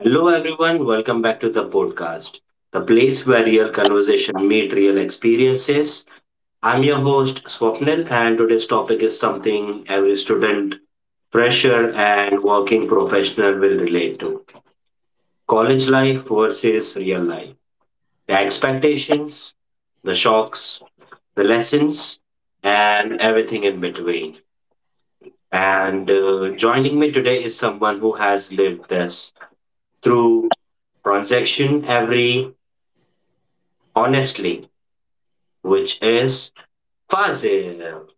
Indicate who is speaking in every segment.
Speaker 1: Hello, everyone. Welcome back to the podcast, the place where real conversation meet real experiences. I'm your host, Swapnil, and today's topic is something every student, fresher, and working professional will relate to college life versus real life. The expectations, the shocks, the lessons, and everything in between. And Joining me today is someone who has lived this through transaction every honestly which is Fazil.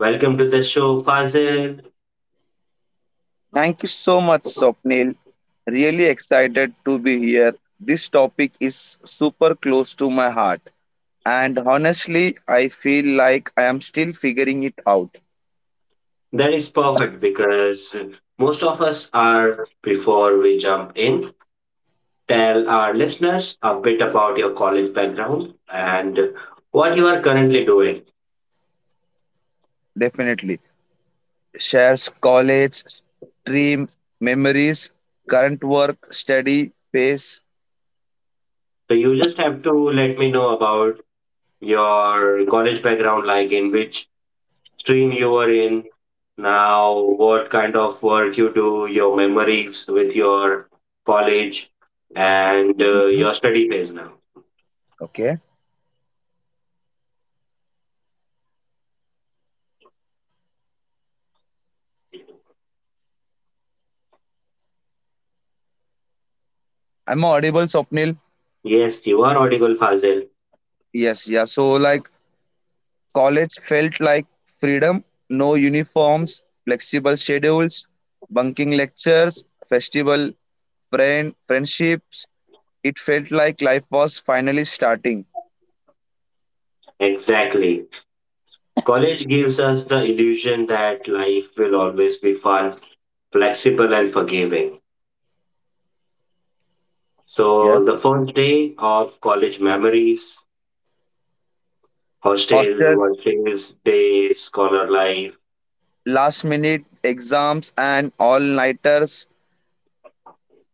Speaker 1: Welcome to the show, Fazil.
Speaker 2: Thank you so much, Swapnil. Really excited to be here. This topic is super close to my heart. And honestly, I feel like I am still figuring it out.
Speaker 1: That is perfect because most of us are, before we jump in, tell our listeners a bit about your college background and what you are currently doing.
Speaker 2: Definitely. Shares college, stream, memories, current work, study, pace.
Speaker 1: So you just have to let me know about your college background, like in which stream you were in now what kind of work you do your memories with your college and
Speaker 2: Mhm.
Speaker 1: your study phase now.
Speaker 2: Okay. I'm audible, Swapnil.
Speaker 1: Yes, you are audible, Fazil.
Speaker 2: Yes, yeah. So, like, college felt like freedom, no uniforms, flexible schedules, bunking lectures, festival friendships. It felt like life was finally starting.
Speaker 1: Exactly, college gives us the illusion that life will always be fun, flexible and forgiving. So
Speaker 2: Yes.
Speaker 1: the first day of college memories, hostel
Speaker 2: Hostel,
Speaker 1: workings days, scholar life.
Speaker 2: last minute exams, and all nighters.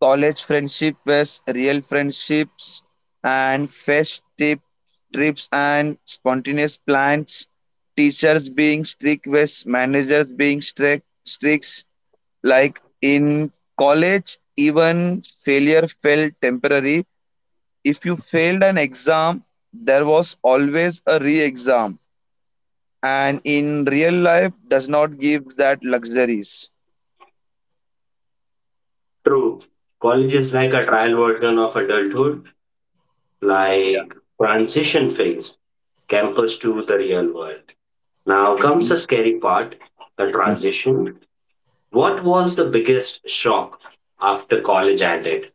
Speaker 2: College friendship was real friendships and fest tip, trips and spontaneous plans. Teachers being strict was managers being strict. Like in college, even failure felt temporary. If you failed an exam, there was always a re exam. And in real life, does not give that luxuries.
Speaker 1: True, college is like a trial version of adulthood, like transition phase, campus to the real world. Now comes the
Speaker 2: Mhm,
Speaker 1: scary part, the
Speaker 2: mhm.
Speaker 1: transition. What was the biggest shock after college ended?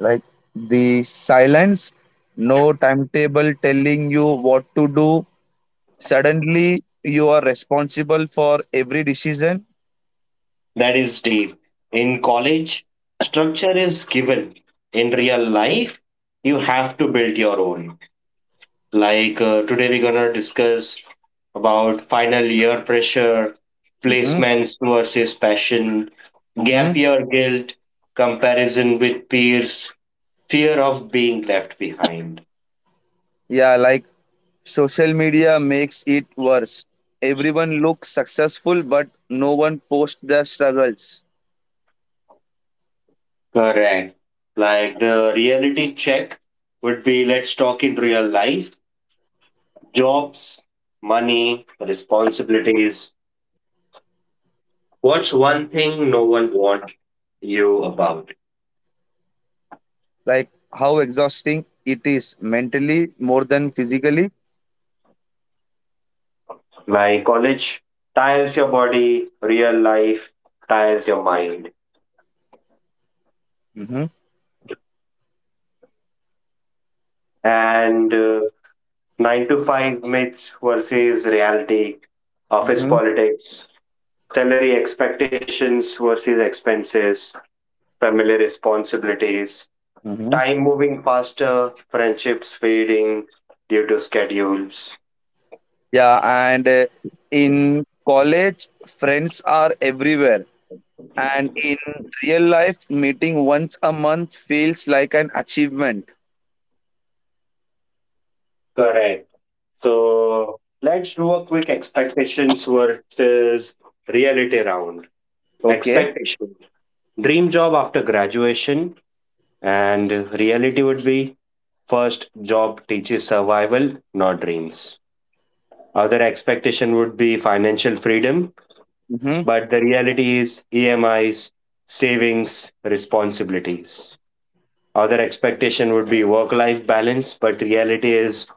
Speaker 2: Like the silence, no timetable telling you what to do. Suddenly, you are responsible for every decision.
Speaker 1: That is deep. In college, structure is given. In real life, you have to build your own. Today, we're gonna discuss about final year pressure,
Speaker 2: Mm-hmm.
Speaker 1: placements versus passion,
Speaker 2: Mm-hmm.
Speaker 1: gap year guilt, comparison with peers, fear of being left behind.
Speaker 2: Yeah, like social media makes it worse. Everyone looks successful, but no one posts their struggles.
Speaker 1: Correct. Like the reality check would be let's talk in real life jobs, money, responsibilities. What's one thing no one wants you about?
Speaker 2: Like how exhausting it is mentally more than physically.
Speaker 1: Like college tires your body, real life tires your mind.
Speaker 2: Hmm.
Speaker 1: And 9 to 5 myths versus reality, office
Speaker 2: Hmm.
Speaker 1: politics, salary expectations versus expenses, family responsibilities,
Speaker 2: Hmm.
Speaker 1: time moving faster, friendships fading due to schedules.
Speaker 2: Yeah, and in college, friends are everywhere. And in real life, meeting once a month feels like an achievement.
Speaker 1: Correct. So let's do a quick expectations versus reality round.
Speaker 2: Okay.
Speaker 1: Expectation. Dream job after graduation and reality would be first job teaches survival, not dreams. Other expectation would be financial freedom,
Speaker 2: Mm-hmm.
Speaker 1: but the reality is EMIs, savings, responsibilities. Other expectation would be work life balance, but reality is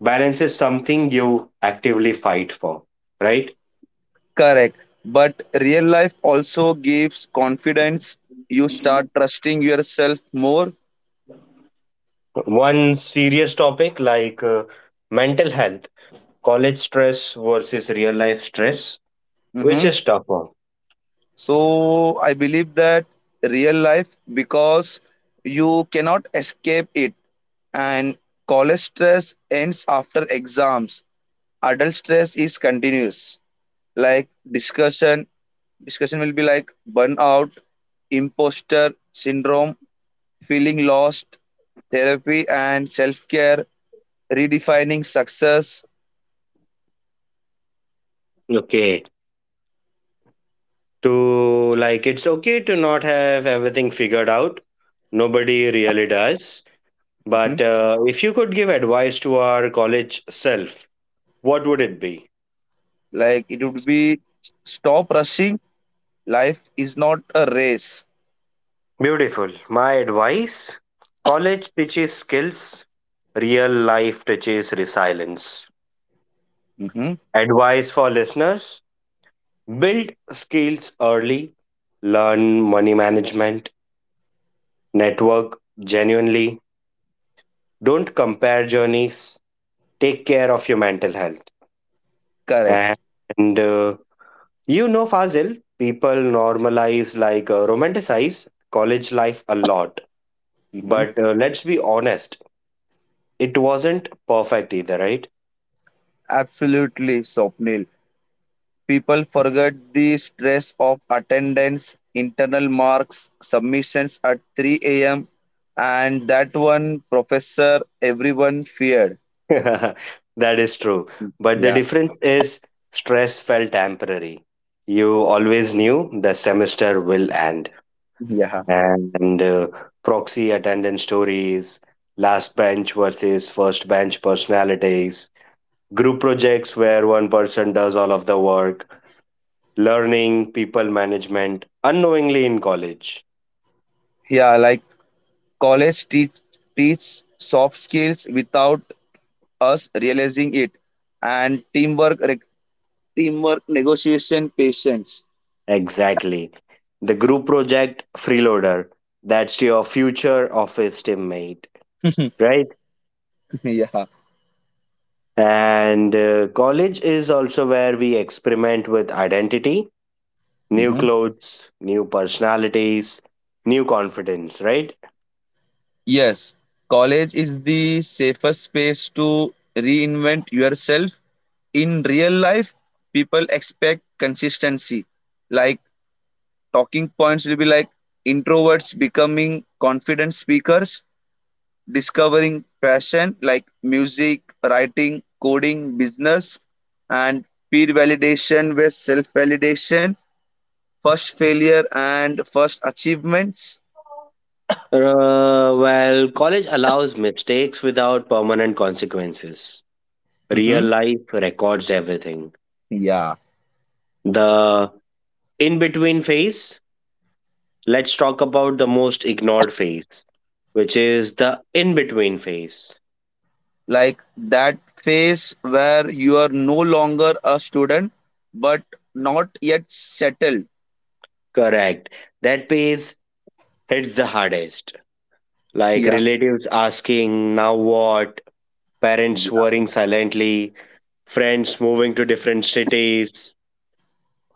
Speaker 1: balance is something you actively fight for, right?
Speaker 2: Correct. But real life also gives confidence. You start trusting yourself more.
Speaker 1: One serious topic like mental health, college stress versus real life stress, which
Speaker 2: Hmm.
Speaker 1: is tougher.
Speaker 2: So I believe that real life, because you cannot escape it. And college stress ends after exams. Adult stress is continuous. Like discussion will be like burnout, imposter syndrome, feeling lost, therapy and self care, redefining success.
Speaker 1: Okay. To like, it's okay to not have everything figured out. Nobody really does.
Speaker 2: Mhm.
Speaker 1: But if you could give advice to our college self, what would it be?
Speaker 2: Like it would be stop rushing. Life is not a race.
Speaker 1: Beautiful. My advice college teaches skills, real life teaches resilience.
Speaker 2: Mhm.
Speaker 1: Advice for listeners build skills early, learn money management, network genuinely, don't compare journeys, take care of your mental health.
Speaker 2: Correct.
Speaker 1: And You know, Fazil, people normalize like romanticize college life a lot.
Speaker 2: Mhm.
Speaker 1: But let's be honest, it wasn't perfect either, right?
Speaker 2: Absolutely, Swapnil. People forget the stress of attendance, internal marks, submissions at 3 a.m., and that one professor everyone feared.
Speaker 1: That is true. But the
Speaker 2: Yeah.
Speaker 1: difference is stress felt temporary. You always knew the semester will end. And Proxy attendance stories, last bench versus first bench personalities, group projects where one person does all of the work, learning, people management, unknowingly in college.
Speaker 2: Yeah, like college teach soft skills without us realizing it, and teamwork, negotiation, patience.
Speaker 1: Exactly. The group project freeloader. That's your future office teammate, right?
Speaker 2: Yeah.
Speaker 1: And College is also where we experiment with identity, new
Speaker 2: Mhm.
Speaker 1: clothes, new personalities, new confidence, right?
Speaker 2: Yes. College is the safest space to reinvent yourself. In real life, people expect consistency. Like talking points will be like introverts becoming confident speakers, discovering passion like music, writing, coding, business, and peer validation with self validation, first failure and first achievements.
Speaker 1: Well, college allows mistakes without permanent consequences. Real
Speaker 2: Mm-hmm.
Speaker 1: life records everything.
Speaker 2: Yeah,
Speaker 1: The in between phase, let's talk about the most ignored phase, which is the in between phase.
Speaker 2: like that phase where you are no longer a student but not yet settled.
Speaker 1: Correct. That phase hits the hardest like
Speaker 2: Yeah.
Speaker 1: relatives asking, now what? Parents
Speaker 2: Yeah.
Speaker 1: worrying silently, friends moving to different cities,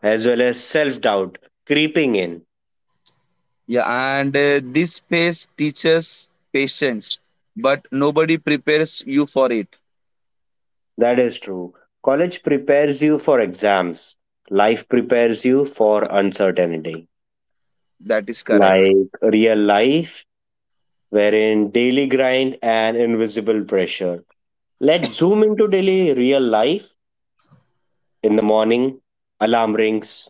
Speaker 1: as well as self doubt creeping in.
Speaker 2: Yeah, and this phase teaches patience, but nobody prepares you for it.
Speaker 1: That is true. College prepares you for exams, life prepares you for uncertainty,
Speaker 2: That is correct.
Speaker 1: like real life, wherein daily grind and invisible pressure. Let's zoom into daily real life in the morning, alarm rings.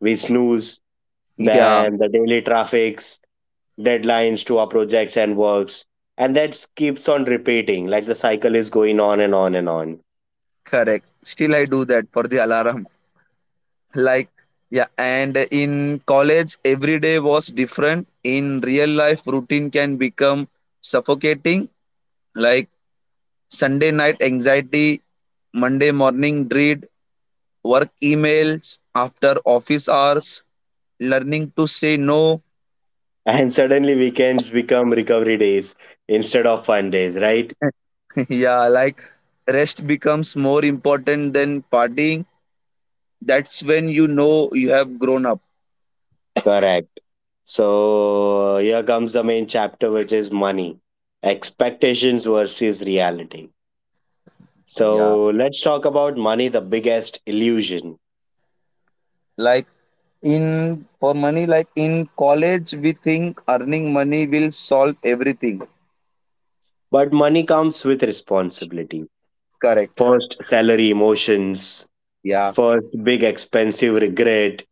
Speaker 1: We snooze,
Speaker 2: Yeah,
Speaker 1: then the daily traffics, deadlines to our projects and works. And that keeps on repeating, like the cycle is going on and on and on.
Speaker 2: correct. Still I do that for the alarm. Like, yeah, and in college every day was different. In real life, routine can become suffocating. Like Sunday night anxiety, Monday morning dread, work emails after office hours, learning to say no.
Speaker 1: And suddenly weekends become recovery days instead of fun days, right?
Speaker 2: Yeah, like rest becomes more important than partying. That's when you know you have grown up.
Speaker 1: Correct. So here comes the main chapter, which is money, expectations versus reality.
Speaker 2: Yeah,
Speaker 1: So let's talk about money, the biggest illusion.
Speaker 2: like in college we think earning money will solve everything.
Speaker 1: But money comes with responsibility.
Speaker 2: Correct.
Speaker 1: First, salary, emotions,
Speaker 2: Yeah.
Speaker 1: first big expensive regret,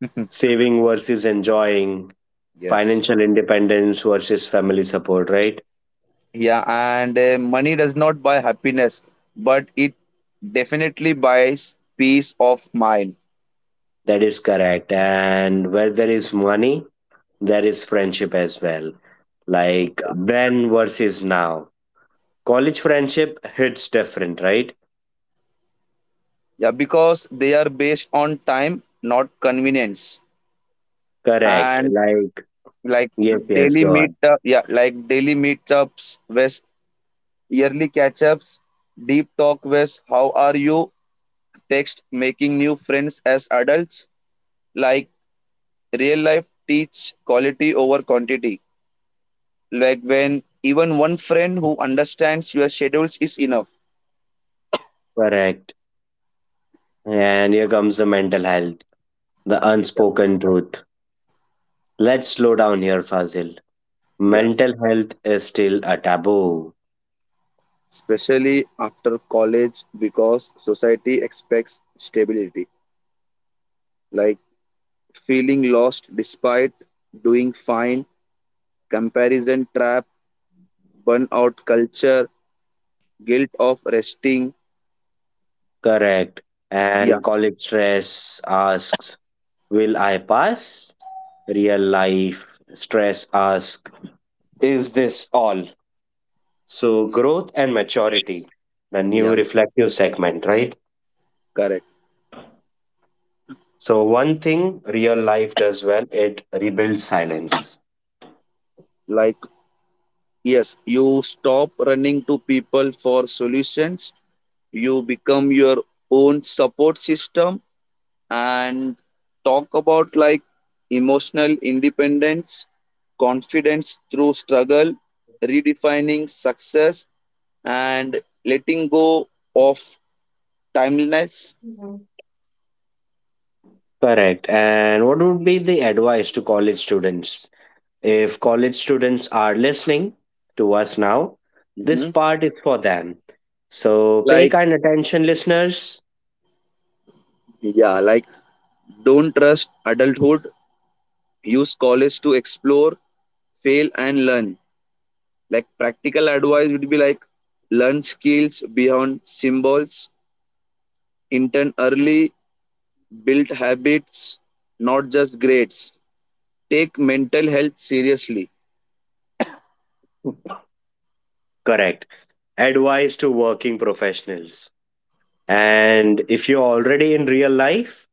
Speaker 1: saving versus enjoying,
Speaker 2: Yes.
Speaker 1: financial independence versus family support, right?
Speaker 2: Yeah, and money does not buy happiness, but it definitely buys peace of mind.
Speaker 1: That is correct. And where there is money, there is friendship as well. Like then versus now. College friendship hits different, right?
Speaker 2: Yeah, because they are based on time, not convenience.
Speaker 1: Correct.
Speaker 2: And
Speaker 1: Like,
Speaker 2: like
Speaker 1: yes, yes,
Speaker 2: daily
Speaker 1: go
Speaker 2: meet
Speaker 1: on.
Speaker 2: up yeah like daily meetups with yearly catch ups, deep talk with how are you text, making new friends as adults. Like real life teach quality over quantity. Like when even one friend who understands your schedules is enough.
Speaker 1: Correct. And here comes the mental health, the
Speaker 2: Yeah.
Speaker 1: unspoken truth. Let's slow down here, Fazil.
Speaker 2: Yeah,
Speaker 1: Mental health is still a taboo.
Speaker 2: especially after college, because society expects stability. Like feeling lost despite doing fine, comparison trap, burnout culture, guilt of resting.
Speaker 1: Correct.
Speaker 2: Yeah.
Speaker 1: And college stress asks, will I pass? Real life stress asks, is this all? So, growth and maturity, the new
Speaker 2: Yeah.
Speaker 1: reflective segment, right?
Speaker 2: Correct.
Speaker 1: So, one thing real life does well, it rebuilds silence.
Speaker 2: Like, yes, you stop running to people for solutions. You become your own support system. And talk about like emotional independence, confidence through struggle, redefining success, and letting go of timeliness.
Speaker 1: Correct. And what would be the advice to college students? If college students are listening to us now, this
Speaker 2: Mhm.
Speaker 1: part is for them. So pay
Speaker 2: Like,
Speaker 1: kind attention, listeners.
Speaker 2: yeah, like don't trust adulthood, use college to explore, fail, and learn. Like practical advice would be like learn skills beyond symbols, intern early, build habits not just grades, take mental health seriously.
Speaker 1: Correct. Advice to working professionals. And if you're already in real life,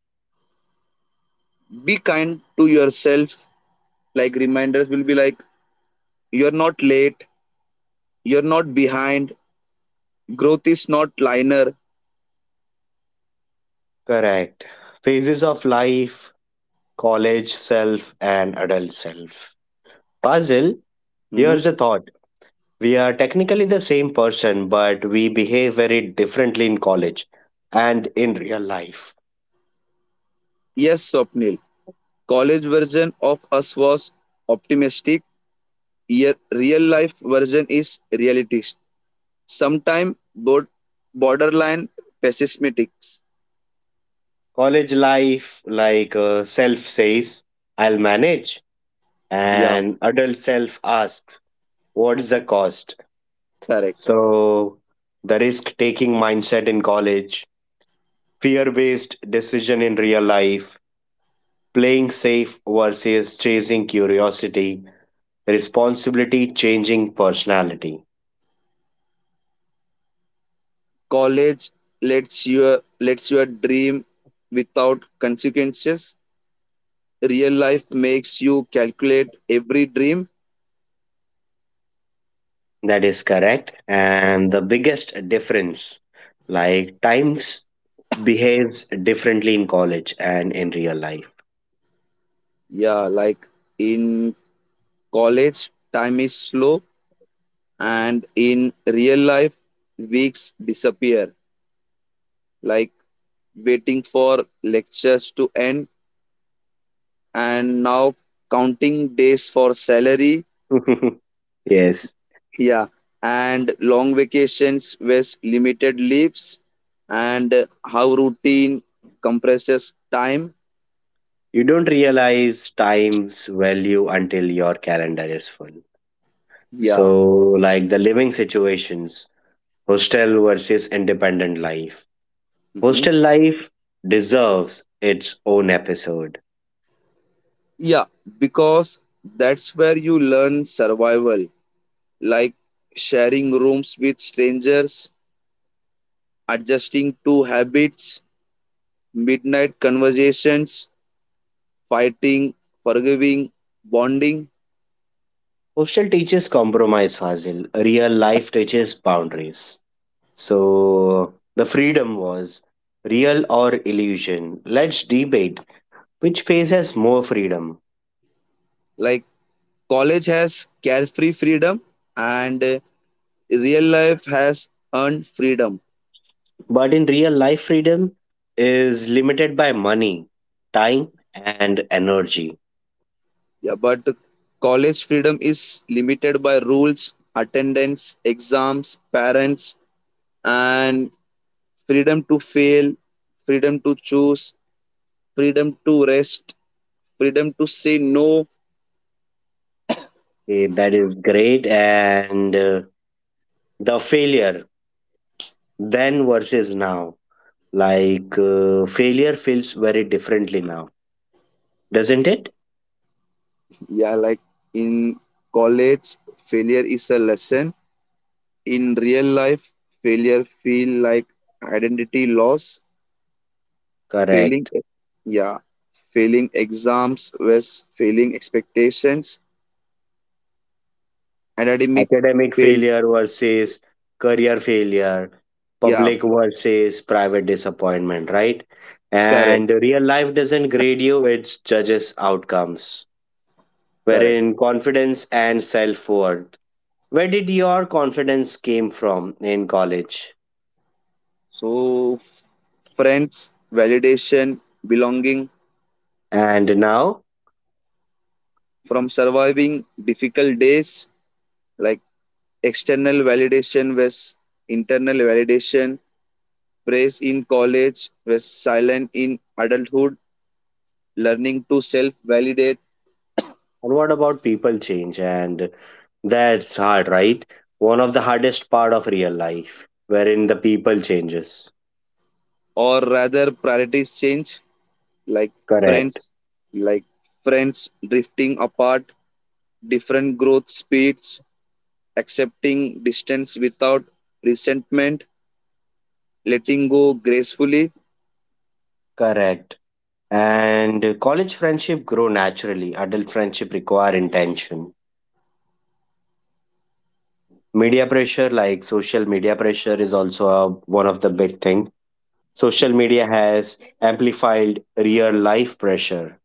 Speaker 2: Be kind to yourself. Like reminders will be like you're not late, you're not behind, growth is not linear.
Speaker 1: correct. Phases of life, college self, and adult self. Fazil,
Speaker 2: Mhm.
Speaker 1: here's a thought. We are technically the same person, but we behave very differently in college and in real life.
Speaker 2: Yes, Swapnil. College version of us was optimistic. Your real life version is realistic. Sometimes both borderline pessimistic.
Speaker 1: College life, like self says, I'll manage,
Speaker 2: Yeah,
Speaker 1: and adult self asks, what's the cost?
Speaker 2: correct.
Speaker 1: So, the risk taking mindset in college, fear based decision in real life, playing safe versus chasing curiosity, responsibility changing personality.
Speaker 2: College lets your dream without consequences. Real life makes you calculate every dream.
Speaker 1: That is correct. And the biggest difference, like times behaves differently in college and in real life.
Speaker 2: Yeah, like in college, time is slow, and in real life, weeks disappear. Like waiting for lectures to end, and now counting days for salary.
Speaker 1: Yes.
Speaker 2: Yeah, and long vacations with limited leaves, and how routine compresses time.
Speaker 1: You don't realize time's value until your calendar is full.
Speaker 2: Yeah.
Speaker 1: So, like the living situations, hostel versus independent life.
Speaker 2: Hmm.
Speaker 1: Hostel life deserves its own episode.
Speaker 2: Yeah, because that's where you learn survival, like sharing rooms with strangers, adjusting to habits, midnight conversations, fighting, forgiving, bonding.
Speaker 1: Hostel teaches compromise, Fazil. Real life teaches boundaries. So the
Speaker 2: Mhm.
Speaker 1: freedom was real or illusion. Let's debate which phase has more freedom.
Speaker 2: Like college has carefree freedom, and real life has earned freedom.
Speaker 1: But in real life, freedom is limited by money, time, and energy.
Speaker 2: Yeah, but college freedom is limited by rules, attendance, exams, parents, and freedom to fail, freedom to choose, freedom to rest, freedom to say no.
Speaker 1: Okay, that is great. And The failure then versus now, like failure feels very differently now, doesn't it?
Speaker 2: Yeah, like in college, failure is a lesson. In real life, failure feel like identity loss. failing
Speaker 1: Correct.
Speaker 2: yeah Failing exams was failing expectations. Academic
Speaker 1: Academic
Speaker 2: fail.
Speaker 1: failure versus career failure,
Speaker 2: Yeah.
Speaker 1: public versus private disappointment, right?
Speaker 2: Correct.
Speaker 1: And real life doesn't grade you, it judges outcomes.
Speaker 2: Correct.
Speaker 1: Wherein confidence and self worth. Where did your confidence came from in college?
Speaker 2: So f- friends, validation, belonging.
Speaker 1: And now?
Speaker 2: From surviving difficult days, like external validation was internal validation, praise in college was silent in adulthood, learning to self validate.
Speaker 1: And what about people change? And that's hard, right? One of the hardest part of real life, wherein the people changes.
Speaker 2: Or rather priorities change. Like
Speaker 1: Correct.
Speaker 2: friends like friends drifting apart, different growth speeds, accepting distance without resentment, letting go gracefully.
Speaker 1: Correct. And college friendship grow naturally. Adult friendship require intention. Media pressure, like social media pressure, is also a, one of the big thing. Social media has amplified real life pressure,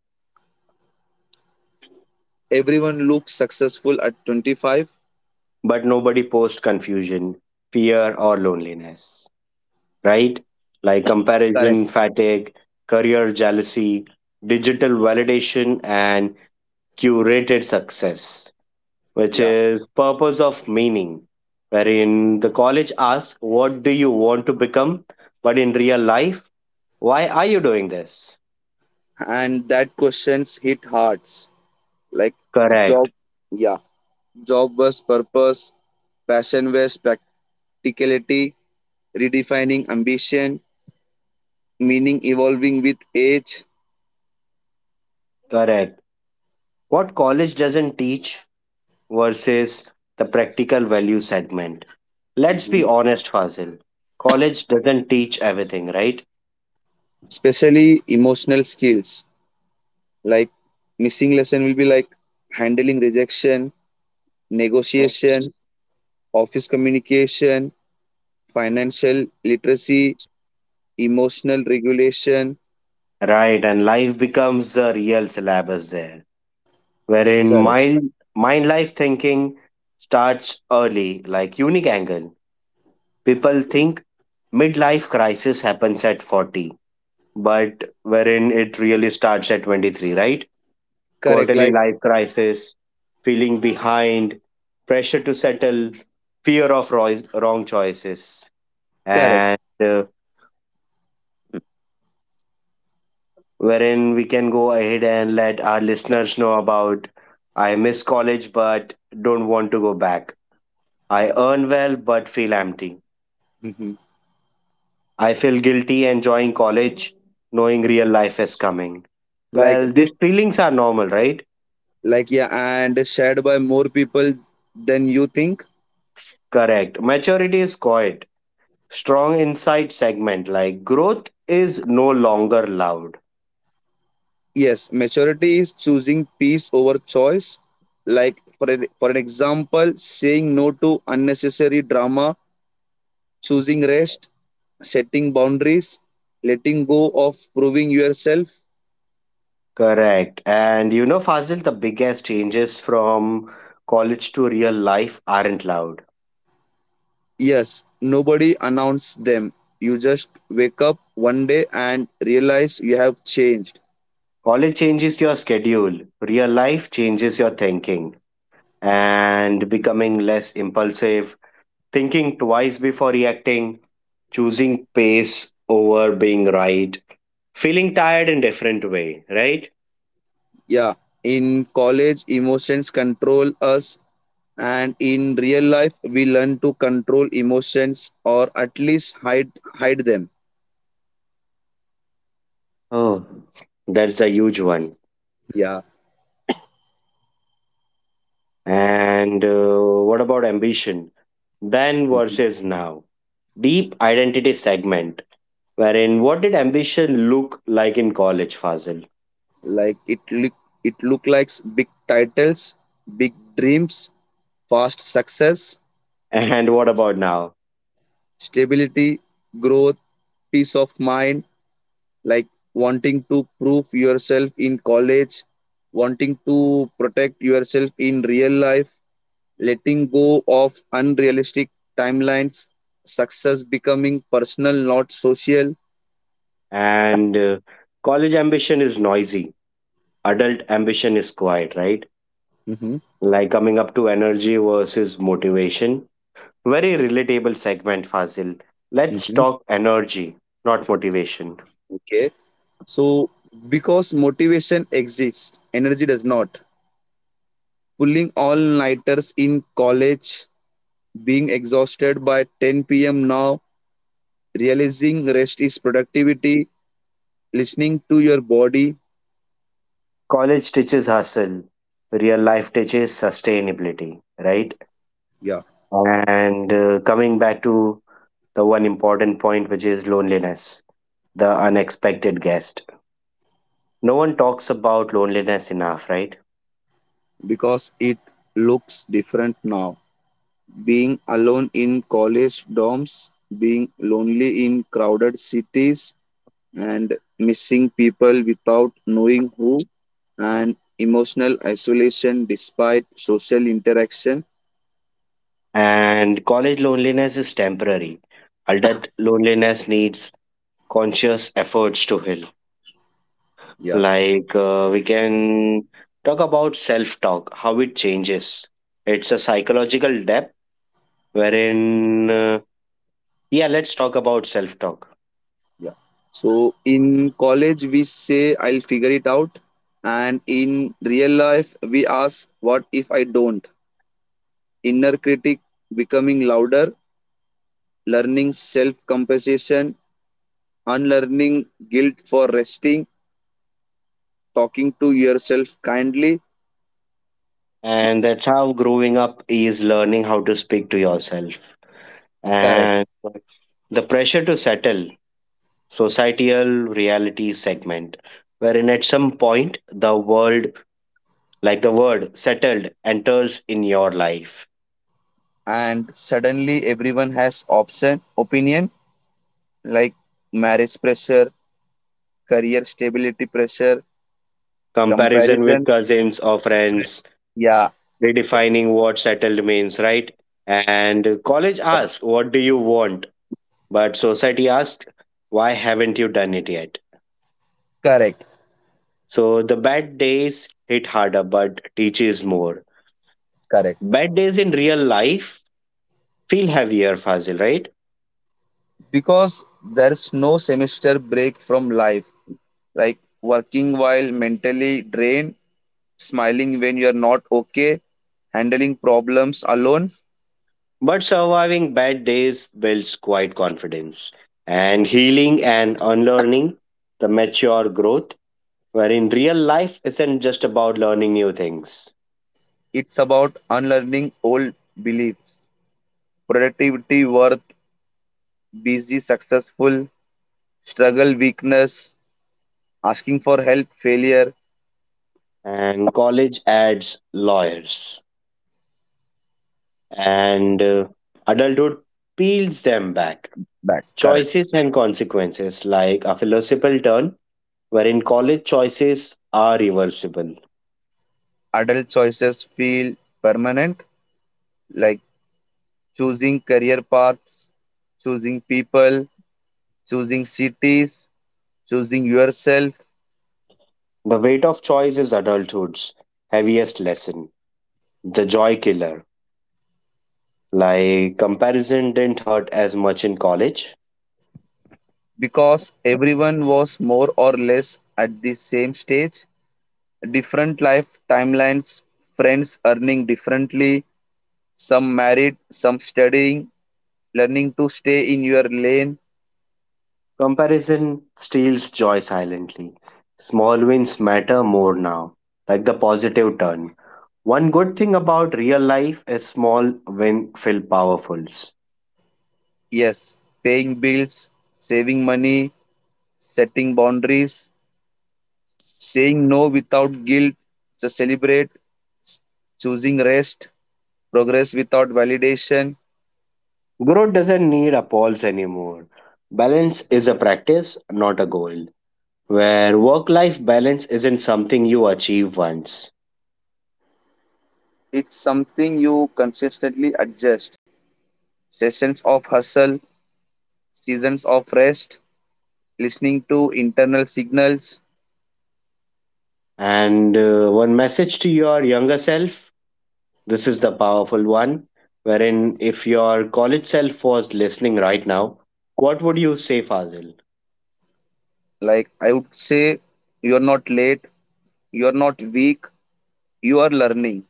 Speaker 2: Everyone looks successful at 25.
Speaker 1: but nobody posts confusion, fear, or loneliness. Right? Like
Speaker 2: Correct.
Speaker 1: comparison fatigue, career jealousy, digital validation, and curated success. Which
Speaker 2: Yeah,
Speaker 1: is purpose of meaning wherein the college asks what do you want to become but in real life why are you doing this.
Speaker 2: and that questions hit hearts. Like job
Speaker 1: Correct.
Speaker 2: yeah job was purpose, passion was practicality, redefining ambition, meaning evolving with age.
Speaker 1: Correct. What college doesn't teach versus the practical value segment, let's be honest Fazil, college doesn't teach everything right?
Speaker 2: Especially emotional skills. Like missing lesson will be like handling rejection, negotiation, office communication, financial literacy, emotional regulation.
Speaker 1: Right, and life becomes the real syllabus there, wherein
Speaker 2: Correct.
Speaker 1: mind life thinking starts early, like unique angle. People think midlife crisis happens at 40, but wherein it really starts at 23, right?
Speaker 2: Correct,
Speaker 1: Quarterly
Speaker 2: like
Speaker 1: life crisis, feeling behind, pressure to settle, fear of roi- wrong choices,
Speaker 2: correct.
Speaker 1: and uh, wherein we can go ahead and let our listeners know about I miss college but don't want to go back. I earn well but feel empty.
Speaker 2: Mhm.
Speaker 1: I feel guilty enjoying college, knowing real life is coming.
Speaker 2: Like
Speaker 1: Well, these
Speaker 2: this,
Speaker 1: feelings are normal, right?
Speaker 2: like yeah, and shared by more people than you think.
Speaker 1: Correct. Maturity is quiet. Strong insight segment like growth is no longer loud.
Speaker 2: Yes, maturity is choosing peace over choice. Like for an example, saying no to unnecessary drama, choosing rest, setting boundaries, letting go of proving yourself.
Speaker 1: Correct. And you know, Fazil, the biggest changes from college to real life aren't loud.
Speaker 2: Yes, nobody announced them. You just wake up one day and realize you have changed.
Speaker 1: College changes your schedule, real life changes your thinking and becoming less impulsive, thinking twice before reacting, choosing pace over being right, feeling tired in different way, right?
Speaker 2: Yeah, in college, emotions control us, and in real life, we learn to control emotions, or at least hide them.
Speaker 1: Oh, that's a huge one.
Speaker 2: Yeah,
Speaker 1: And What about ambition? Then versus now. Deep identity segment, wherein what did ambition look like in college, Fazil?
Speaker 2: like it look like big titles, big dreams, fast success,
Speaker 1: And what about now?
Speaker 2: stability, growth, peace of mind. Like wanting to prove yourself in college, wanting to protect yourself in real life, letting go of unrealistic timelines, success becoming personal, not social.
Speaker 1: And College ambition is noisy, adult ambition is quiet, right?
Speaker 2: Hmm.
Speaker 1: Like coming up to energy versus motivation. Very relatable segment, Fazil. Let's
Speaker 2: Hmm.
Speaker 1: talk energy, not motivation.
Speaker 2: Okay. So, because motivation exists, energy does not. Pulling all nighters in college, being exhausted by 10 p.m. now, realizing rest is productivity, listening to your body.
Speaker 1: College teaches hustle, real life teaches sustainability, right?
Speaker 2: Yeah,
Speaker 1: And Coming back to the one important point, which is loneliness, the unexpected guest. No one talks about loneliness enough, right?
Speaker 2: because it looks different now. Being alone in college dorms, being lonely in crowded cities, and missing people without knowing who, and emotional isolation despite social interaction.
Speaker 1: And college loneliness is temporary. Adult loneliness needs conscious efforts to heal. We can talk about self talk, how it changes. It's a psychological depth wherein yeah, let's talk about self talk.
Speaker 2: So in college, we say, I'll figure it out. And in real life, we ask, what if I don't? Inner critic becoming louder, learning self compassion, unlearning guilt for resting, talking to yourself kindly.
Speaker 1: And that's how growing up is learning how to speak to yourself.
Speaker 2: Correct.
Speaker 1: And the pressure to settle, societal reality segment, wherein at some point the world, like the word settled, enters in your life.
Speaker 2: And suddenly everyone has option opinion, like marriage pressure, career stability pressure,
Speaker 1: Comparison with
Speaker 2: comparison with
Speaker 1: cousins or
Speaker 2: cousin friend.
Speaker 1: friends,
Speaker 2: Yeah, re-
Speaker 1: redefining what settled means, right? And college
Speaker 2: correct.
Speaker 1: asks, what do you want? But society asks, why haven't you done it yet?
Speaker 2: Correct.
Speaker 1: So the bad days hit harder, but teaches more.
Speaker 2: Correct.
Speaker 1: Bad days in real life feel heavier, Fazil, right?
Speaker 2: Because there's no semester break from life. Like working while mentally drained, smiling when you're not okay, handling problems alone.
Speaker 1: But surviving bad days builds quite confidence. And healing and unlearning, the mature growth, wherein real life isn't just about learning new things.
Speaker 2: It's about unlearning old beliefs. Productivity, worth, busy, successful, struggle, weakness, asking for help, failure,
Speaker 1: And college adds lawyers and adulthood peels them back.
Speaker 2: back. Correct.
Speaker 1: Choices and consequences, like a philosophical turn, wherein college choices are reversible.
Speaker 2: Adult choices feel permanent, like choosing career paths, choosing people, choosing cities, choosing yourself,
Speaker 1: The weight of choice is adulthood's heaviest lesson. The joy killer, like comparison didn't hurt as much in college.
Speaker 2: because everyone was more or less at the same stage. Different life timelines, friends earning differently, some married, some studying, learning to stay in your lane.
Speaker 1: Comparison steals joy silently. Small wins matter more now, like the positive turn. One good thing about real life is small win feel powerfuls.
Speaker 2: Yes, paying bills, saving money, setting boundaries, saying no without guilt, to celebrate, choosing rest, progress without validation.
Speaker 1: Growth doesn't need appalls anymore. Balance is a practice, not a goal. Where work life balance isn't something you achieve once.
Speaker 2: It's something you consistently adjust. Sessions of hustle, seasons of rest, listening to internal signals.
Speaker 1: And One message to your younger self, this is the powerful one, wherein if your college self was listening right now, what would you say, Fazil?
Speaker 2: Like I would say, you're not late, you're not weak, you are learning.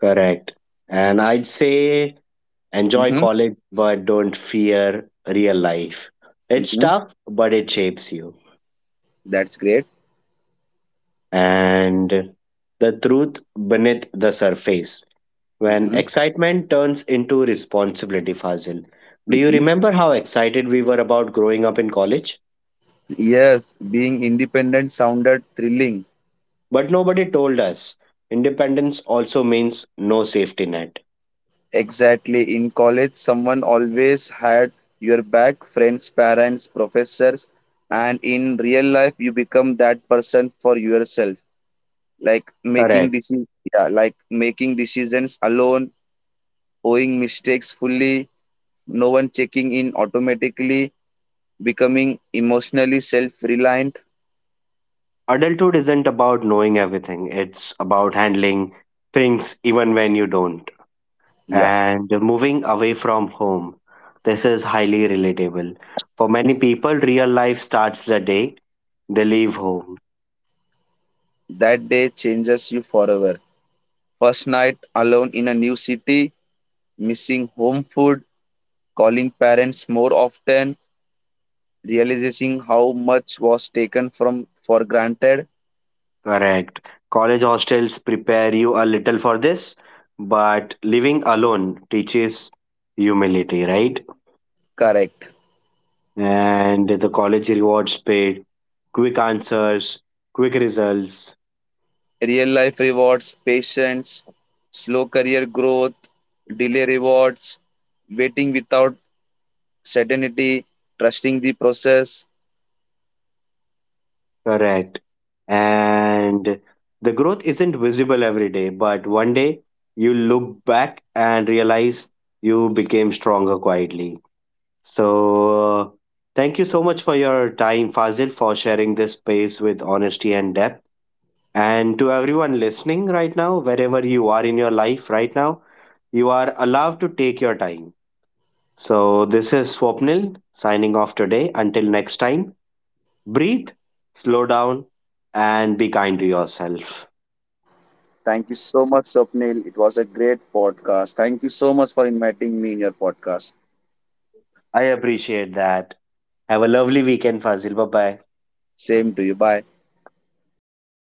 Speaker 1: Correct. And I'd say enjoy
Speaker 2: Hmm.
Speaker 1: college, but don't fear real life. It's
Speaker 2: Hmm.
Speaker 1: tough, but it shapes you.
Speaker 2: That's great.
Speaker 1: And the truth beneath the surface when
Speaker 2: Hmm.
Speaker 1: excitement turns into responsibility, Fazil, do you
Speaker 2: Hmm.
Speaker 1: remember how excited we were about growing up in college,
Speaker 2: Yes, being independent sounded thrilling.
Speaker 1: but nobody told us independence also means no safety net.
Speaker 2: Exactly. In college, someone always had your back, friends, parents, professors. And in real life, you become that person for yourself. Like making
Speaker 1: Correct.
Speaker 2: decisions, yeah, like making decisions alone, owing mistakes fully, no one checking in automatically, becoming emotionally self reliant.
Speaker 1: Adulthood isn't about knowing everything, it's about handling things even when you don't.
Speaker 2: Yeah,
Speaker 1: And moving away from home. This is highly relatable. For many people, real life starts the day they leave home.
Speaker 2: that day changes you forever. First night alone in a new city, missing home food, calling parents more often, realizing how much was taken from for granted.
Speaker 1: Correct. College hostels prepare you a little for this, but living alone teaches humility, right?
Speaker 2: Correct.
Speaker 1: And the college rewards paid, quick answers, quick results.
Speaker 2: Real life rewards, patience, slow career growth, delay rewards, waiting without certainty, trusting the process.
Speaker 1: Correct. And the growth isn't visible every day, but one day you look back and realize you became stronger quietly. So, thank you so much for your time, Fazil, for sharing this space with honesty and depth. And to everyone listening right now, wherever you are in your life right now, you are allowed to take your time. So, this is Swapnil signing off today. Until next time. Breathe, slow down, and be kind to yourself.
Speaker 2: Thank you so much, Swapnil. It was a great podcast. Thank you so much for inviting me in your podcast.
Speaker 1: I appreciate that. Have a lovely weekend, Fazil. Bye bye.
Speaker 2: Same to you. Bye.